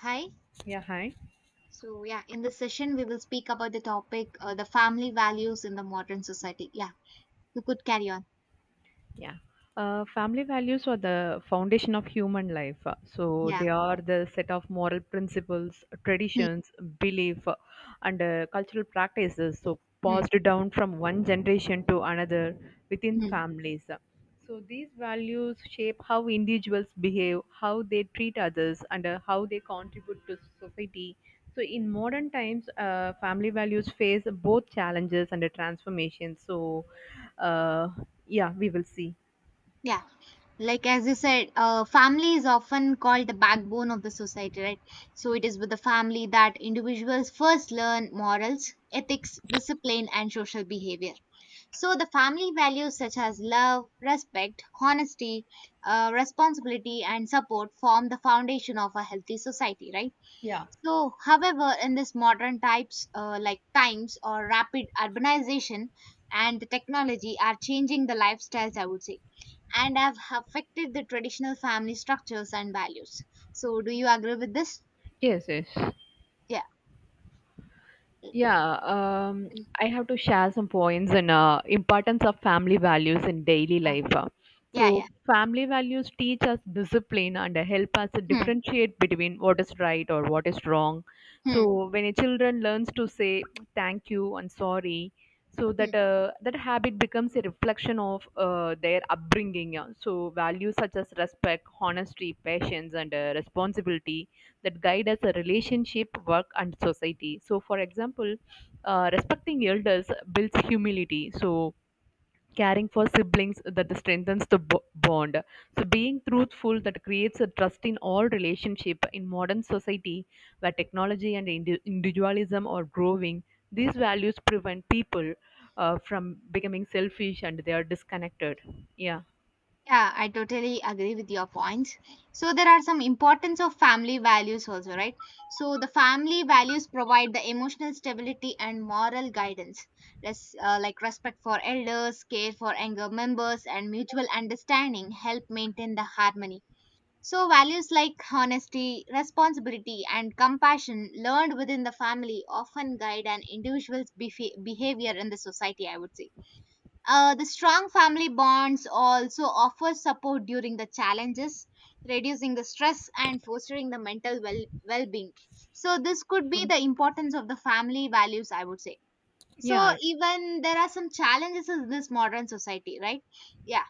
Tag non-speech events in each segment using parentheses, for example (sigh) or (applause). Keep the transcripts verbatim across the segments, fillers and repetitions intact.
Hi. Yeah, hi. So, yeah, in this session, we will speak about the topic uh, the family values in the modern society. Yeah, you could carry on. Yeah. Uh, family values are the foundation of human life. Uh, So Yeah. they are the set of moral principles, Hmm, traditions, belief, uh, and uh, cultural practices. So hmm, passed down from one generation to another within hmm. families. So these values shape how individuals behave, how they treat others, and uh, how they contribute to society. So in modern times, uh, family values face both challenges and a transformation. So, uh, yeah, we will see. Yeah, like as you said, uh, family is often called the backbone of the society, right? So, it is with the family that individuals first learn morals, ethics, discipline, and social behavior. So, the family values such as love, respect, honesty, uh, responsibility, and support form the foundation of a healthy society, right? Yeah. So, however, in this modern types uh, like times or rapid urbanization and the technology are changing the lifestyles, I would say, and have affected the traditional family structures and values. So, do you agree with this? Yes, yes. Yeah. (clears throat) Yeah, um, I have to share some points in uh, importance of family values in daily Yeah. life. uh. Yeah. So, Yeah. family values teach us discipline and uh, help us Hmm. differentiate between what is right or what is wrong. Hmm. Hmm. So, when a children learns to say thank you and sorry, so that uh, that habit becomes a reflection of uh, their upbringing. Yeah. So, values such as respect, honesty, patience, and uh, responsibility that guide us a relationship, work, and society. So, for example, uh, respecting elders builds humility. So, caring for siblings that strengthens the bo- bond. So, being truthful that creates a trust in all relationship in modern society where technology and indi- individualism are growing. These values prevent people uh, from becoming selfish and they are disconnected. Yeah, Yeah, I totally agree with your points. So there are some importance of family values also, right? So the family values provide the emotional stability and moral guidance. Res- uh, like respect for elders, care for younger members, and mutual understanding help maintain the harmony. So values like honesty, responsibility, and compassion learned within the family often guide an individual's befe- behavior in the society, I would say. Uh, the strong family bonds also offer support during the challenges, reducing the stress and fostering the mental well well-being. So this could be the importance of the family values, I would say. So yeah. even there are some challenges in this modern society, right? Yeah.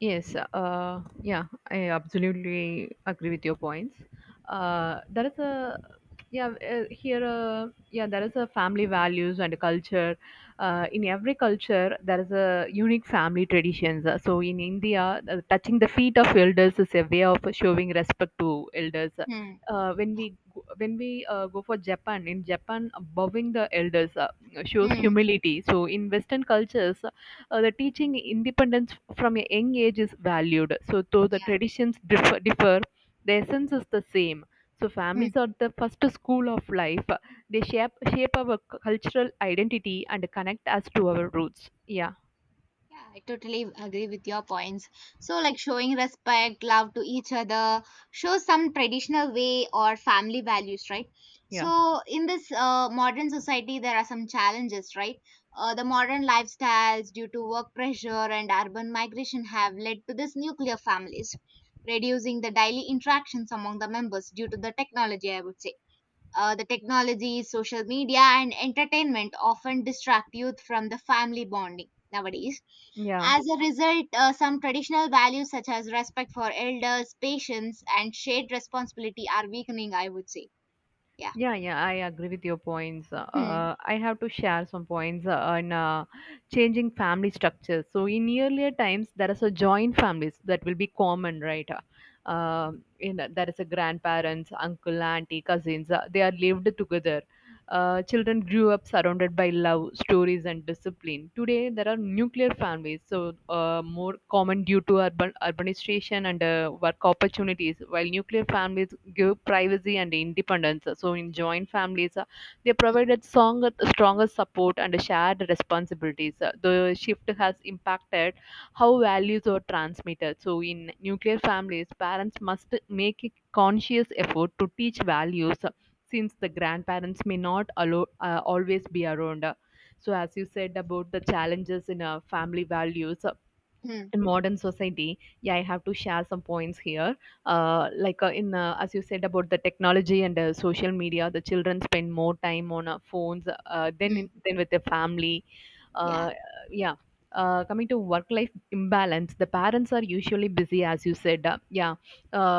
Yes, uh, yeah, I absolutely agree with your points. Uh, there is a yeah uh, here uh, yeah there is a family values and culture. Uh, in every culture, there is a unique family traditions. Uh, So in India, uh, touching the feet of elders is a way of showing respect to elders. Hmm. Uh, when we go- when we uh, go for Japan, in Japan, bowing the elders uh, shows Hmm. humility. So in Western cultures uh, the teaching independence from a young age is valued. So, though the Yeah. traditions differ, differ, the essence is the same. So, families Hmm. are the first school of life. They shape shape our cultural identity and connect us to our roots. Yeah, Yeah, I totally agree with your points. So, like showing respect, love to each other, shows some traditional way or family values, right? yeah, So, in this uh, modern society, there are some challenges, right? Uh, the modern lifestyles due to work pressure and urban migration have led to this nuclear families, reducing the daily interactions among the members due to the technology, I would say. Uh, the technology, social media, and entertainment often distract youth from the family bonding nowadays. yeah. As a result, uh, some traditional values such as respect for elders, patience, and shared responsibility are weakening, I would say. Yeah. Yeah, yeah, I agree with your points. Hmm. Uh, I have to share some points uh, on uh, changing family structures. So, in earlier times, there is a joint families that will be common, right? Uh, in there is a grandparents, uncle, auntie, cousins. Uh, they are lived together. Uh, children grew up surrounded by love, stories, and discipline. Today, there are nuclear families, so uh, more common due to urban urbanization and uh, work opportunities. While nuclear families give privacy and independence, so in joint families, uh, they provided strong, stronger support and shared responsibilities. Uh, The shift has impacted how values are transmitted. So, in nuclear families, parents must make a conscious effort to teach values since the grandparents may not allo- uh, always be around. So, as you said about the challenges in uh, family values, Hmm. in modern society, yeah, I have to share some points here. Uh, like uh, in uh, As you said about the technology and uh, social media, the children spend more time on uh, phones uh, than in, Hmm. than with their family. Yeah. uh, yeah uh, Coming to work life imbalance, the parents are usually busy, as you said. uh, yeah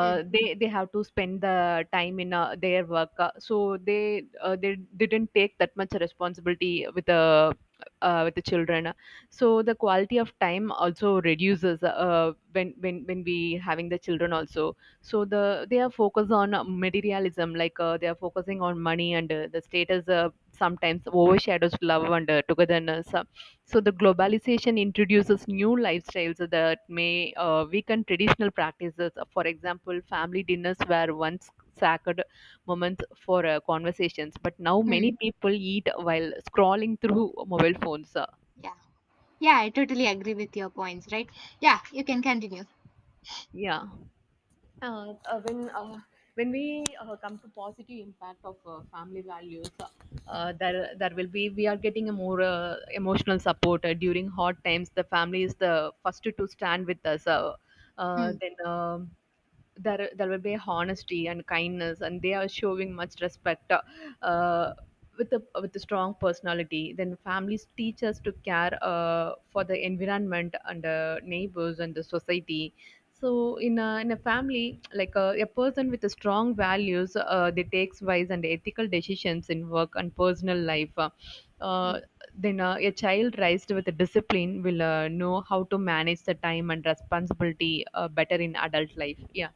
Hmm. they they have to spend the time in uh, their work. Uh, so they uh, they didn't take that much responsibility with the uh, with the children, so the quality of time also reduces uh, when when when we having the children also. So the they are focused on materialism, like uh, they are focusing on money and uh, the status. Uh, sometimes overshadows love and uh, togetherness. Uh, so the globalization introduces new lifestyles that may uh, weaken traditional practices. For example, family dinners were once sacred moments for uh, conversations, but now Hmm. many people eat while scrolling through mobile phones. uh, Yeah. Yeah, I totally agree with your points, right? Yeah, you can continue. yeah uh, uh, when uh, when we uh, come to positive impact of uh, family values, uh, Hmm. uh, there there will be we are getting a more uh, emotional support uh, during hard times. The family is the first to stand with us. Uh, uh, Hmm. then. um there there will be honesty and kindness and they are showing much respect uh, with a with a strong personality. Then families teach us to care uh, for the environment and uh, neighbors and the society. So in a, in a family, like a, a person with a strong values, uh, they takes wise and ethical decisions in work and personal life. Hmm. Uh, then uh, A child raised with a discipline will uh, know how to manage the time and responsibility uh, better in adult life. Yeah.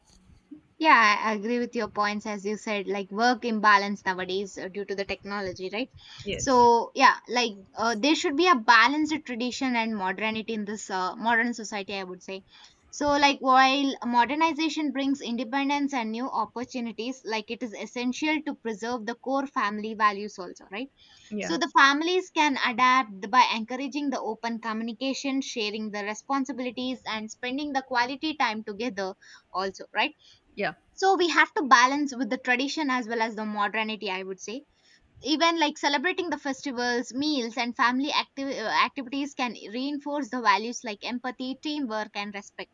Yeah, I agree with your points. As you said, like work imbalance nowadays uh, due to the technology, right? Yes. So, yeah, like uh, there should be a balanced tradition and modernity in this uh, modern society, I would say. So, like while modernization brings independence and new opportunities, like it is essential to preserve the core family values also, right? Yeah. So, the families can adapt by encouraging the open communication, sharing the responsibilities, and spending the quality time together also, right? Yeah. So we have to balance with the tradition as well as the modernity, I would say. Even like celebrating the festivals, meals, and family acti- uh, activities can reinforce the values like empathy, teamwork, and respect.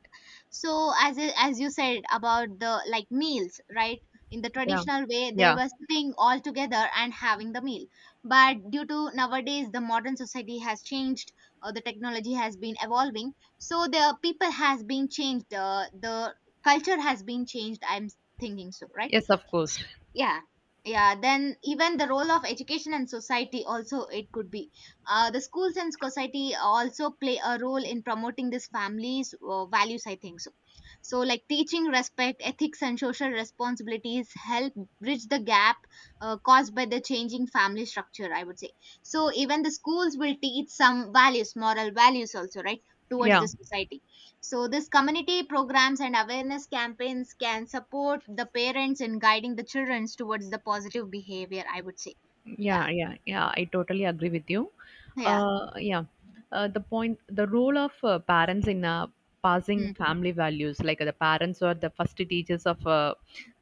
So as i- as you said about the like meals, right? In the Yeah. traditional way, they Yeah. were sitting all together and having the meal, but due to nowadays, the modern society has changed, or the technology has been evolving, so the people has been changed, uh, the culture has been changed, I'm thinking so, right? Yes, of S- course. yeah, yeah, then even the role of education and society also, it could be uh, the schools and society also play a role in promoting this family's uh, values, I think so. So like teaching respect, ethics, and social responsibilities help bridge the gap uh, caused by the changing family structure, I would say. So even the schools will teach some values, moral values also, right, towards Yeah. the society. So, this community programs and awareness campaigns can support the parents in guiding the children towards the positive behavior, I would say. Yeah, Yeah. Yeah. Yeah, I totally agree with you. yeah, Uh, yeah. Uh, the point, the role of uh, parents in uh, passing mm, family values, like uh, the parents are the first teachers of, uh,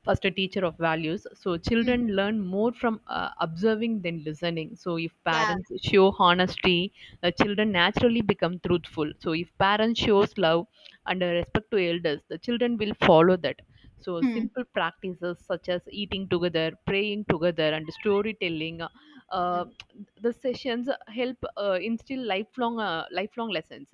first teacher of values. So mm, children learn more from uh, observing than listening. So if yeah, parents show honesty, the children naturally become truthful. So if parents shows love and uh, respect to elders, the children will follow that. So, mm, simple practices such as eating together, praying together, and storytelling, mm, uh, the sessions help uh, instill lifelong uh, lifelong lessons.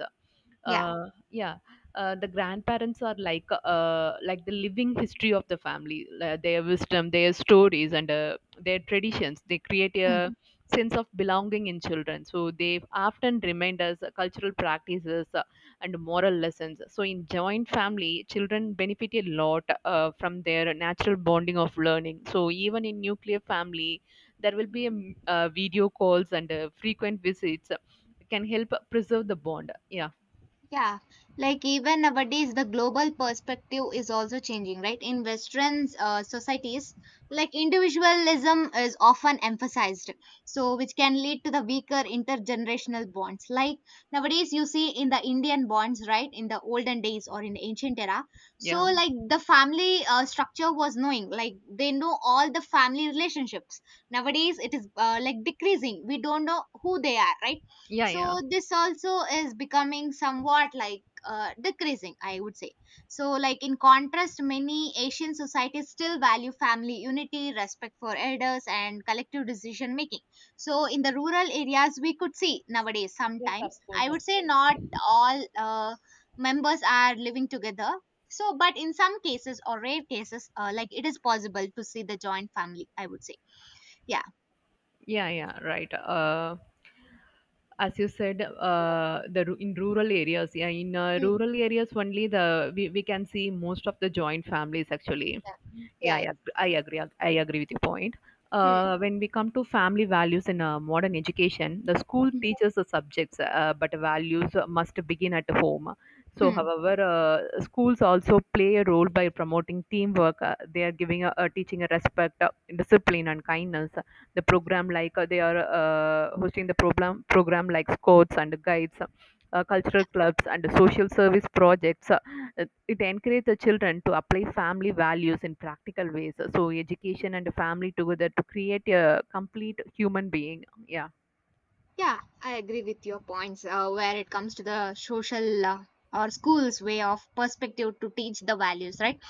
yeah. uh, yeah uh, the grandparents are like uh, like the living history of the family. Uh, their wisdom, their stories, and uh, their traditions, they create Mm. a sense of belonging in children, so they often remind us cultural practices uh, and moral lessons. So in joint family, children benefit a lot uh, from their natural bonding of learning. So even in nuclear family, there will be um uh, video calls and uh, frequent visits can help preserve the bond. Yeah Yeah, like even nowadays, the global perspective is also changing, right? In Western uh, societies, like individualism is often emphasized, so which can lead to the weaker intergenerational bonds. Like nowadays, you see in the Indian bonds, right? In the olden days or in the ancient era, so Yeah. like the family uh, structure was knowing, like they know all the family relationships. Nowadays, it is uh, like decreasing. We don't know who they are, right? Yeah. Yeah. So this also is becoming somewhat like uh, decreasing, I would say. So like in contrast, many Asian societies still value family unity, respect for elders, and collective decision making. So in the rural areas, we could see nowadays Yes, of sometimes, course, I of would say, course. not all uh, members are living together. So but in some cases or rare cases, uh, like it is possible to see the joint family, I would say. Yeah. Yeah, yeah, right. Uh, as you said, uh, the ru- in rural areas, yeah, in uh, Hmm. rural areas only the we, we can see most of the joint families actually. Yeah. Yeah, Yeah. I, yeah. ag- I agree. I agree with your point. Uh, when we come to family values in uh, modern education, the school Hmm. teaches the subjects, uh, but values must begin at home. So, Hmm. however, uh, schools also play a role by promoting teamwork. Uh, they are giving a, uh, teaching a respect, uh, discipline, and kindness. The program, like uh, they are uh, hosting the program program like scouts and guides, uh, cultural clubs, and social service projects. Uh, it encourages the children to apply family values in practical ways. So education and family together to create a complete human being. Yeah, Yeah, I agree with your points uh, where it comes to the social uh, or school's way of perspective to teach the values, right?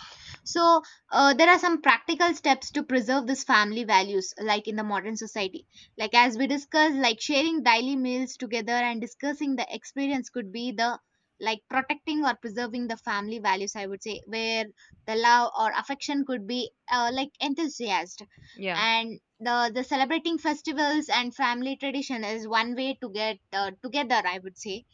So, uh, there are some practical steps to preserve this family values, like in the modern society. Like, as we discussed, like sharing daily meals together and discussing the experience could be the like protecting or preserving the family values, I would say, where the love or affection could be uh, like enthusiast, yeah, and the the celebrating festivals and family tradition is one way to get uh, together, I would say.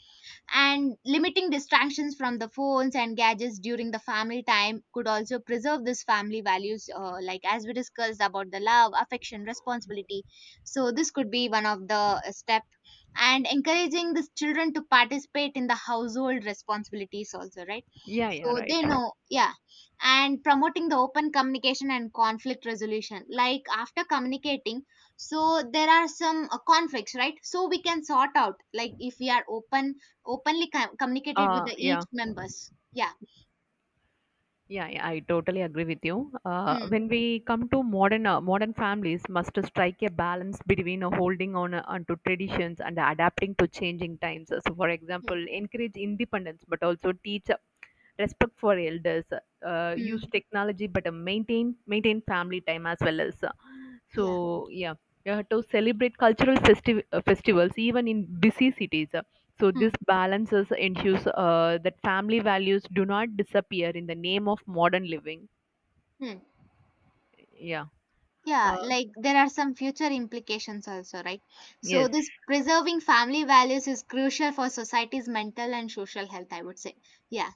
And limiting distractions from the phones and gadgets during the family time could also preserve this family values, uh, like as we discussed about the love, affection, responsibility. So this could be one of the uh, step. And encouraging the children to participate in the household responsibilities also, right, yeah, yeah. so Right. they know. Yeah. And promoting the open communication and conflict resolution, like after communicating, so there are some uh, conflicts, right, so we can sort out, like if we are open openly com- communicated with Uh, the yeah. each members. Yeah. Yeah, yeah, I totally agree with you. Uh, Hmm. When we come to modern uh, modern families, must strike a balance between uh, holding on uh, onto traditions and adapting to changing times. So, for Hmm. example, encourage independence, but also teach uh, respect for elders. Uh, use Mm. technology, but uh, maintain maintain family time as well as. Uh, yeah. So yeah, you have to celebrate cultural festi- uh, festivals even in busy cities. So this Hmm. balances ensures uh, that family values do not disappear in the name of modern living. Hmm. Yeah. Yeah, Uh, like there are some future implications also, right? yes. So this preserving family values is crucial for society's mental and social health, I would say. Yeah.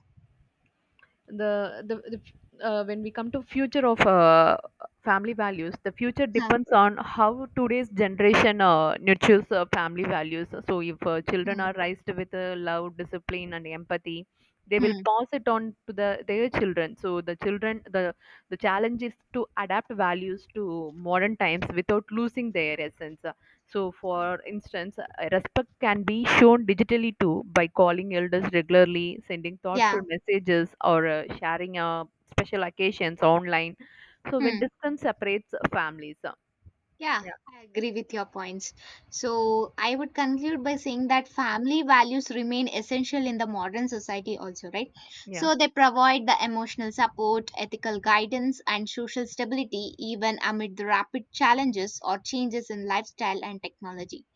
the the, The uh, when we come to future of uh, family values, the future Huh. depends on how today's generation uh, nurtures uh, family values. So if uh, children Hmm. are raised with uh, love, discipline, and empathy, they will Mm. pass it on to the their children. So the children the the challenge is to adapt values to modern times without losing their essence. So, for instance, uh, respect can be shown digitally too by calling elders regularly, sending thoughtful Yeah. messages, or uh, sharing uh, special occasions online. So, when Hmm. distance separates families, uh, Yeah, yeah, I agree with your points. So, I would conclude by saying that family values remain essential in the modern society, also, right? yeah. So, they provide the emotional support, ethical guidance, and social stability even amid the rapid challenges or changes in lifestyle and technology.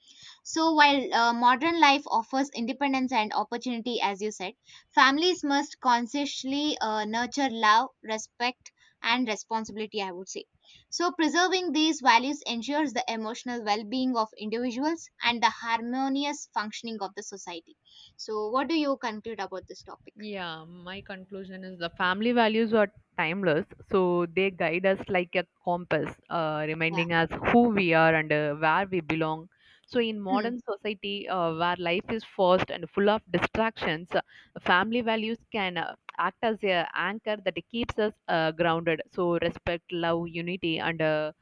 So, while uh, modern life offers independence and opportunity, as you said, families must consciously uh, nurture love, respect, and responsibility, I would say. So, preserving these values ensures the emotional well being of individuals and the harmonious functioning of the society. So, what do you conclude about this topic? Yeah, my conclusion is the family values are timeless, so they guide us like a compass, uh, Yeah. reminding us who we are and uh, where we belong. So, in Hmm. modern society uh, where life is fast and full of distractions, uh, family values can uh, act as a anchor that keeps us uh, grounded. So, respect, love, unity, and uh,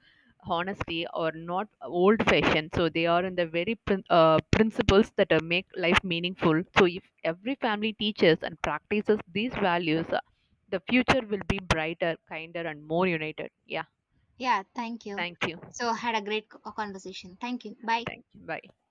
honesty or not old fashioned, so they are in the very prin- uh, principles that uh, make life meaningful. So if every family teaches and practices these values, uh, the future will be brighter, kinder, and more united. Yeah. Yeah, thank you. Thank you. So, had a great co- conversation. Thank you. Bye. Thank you, bye.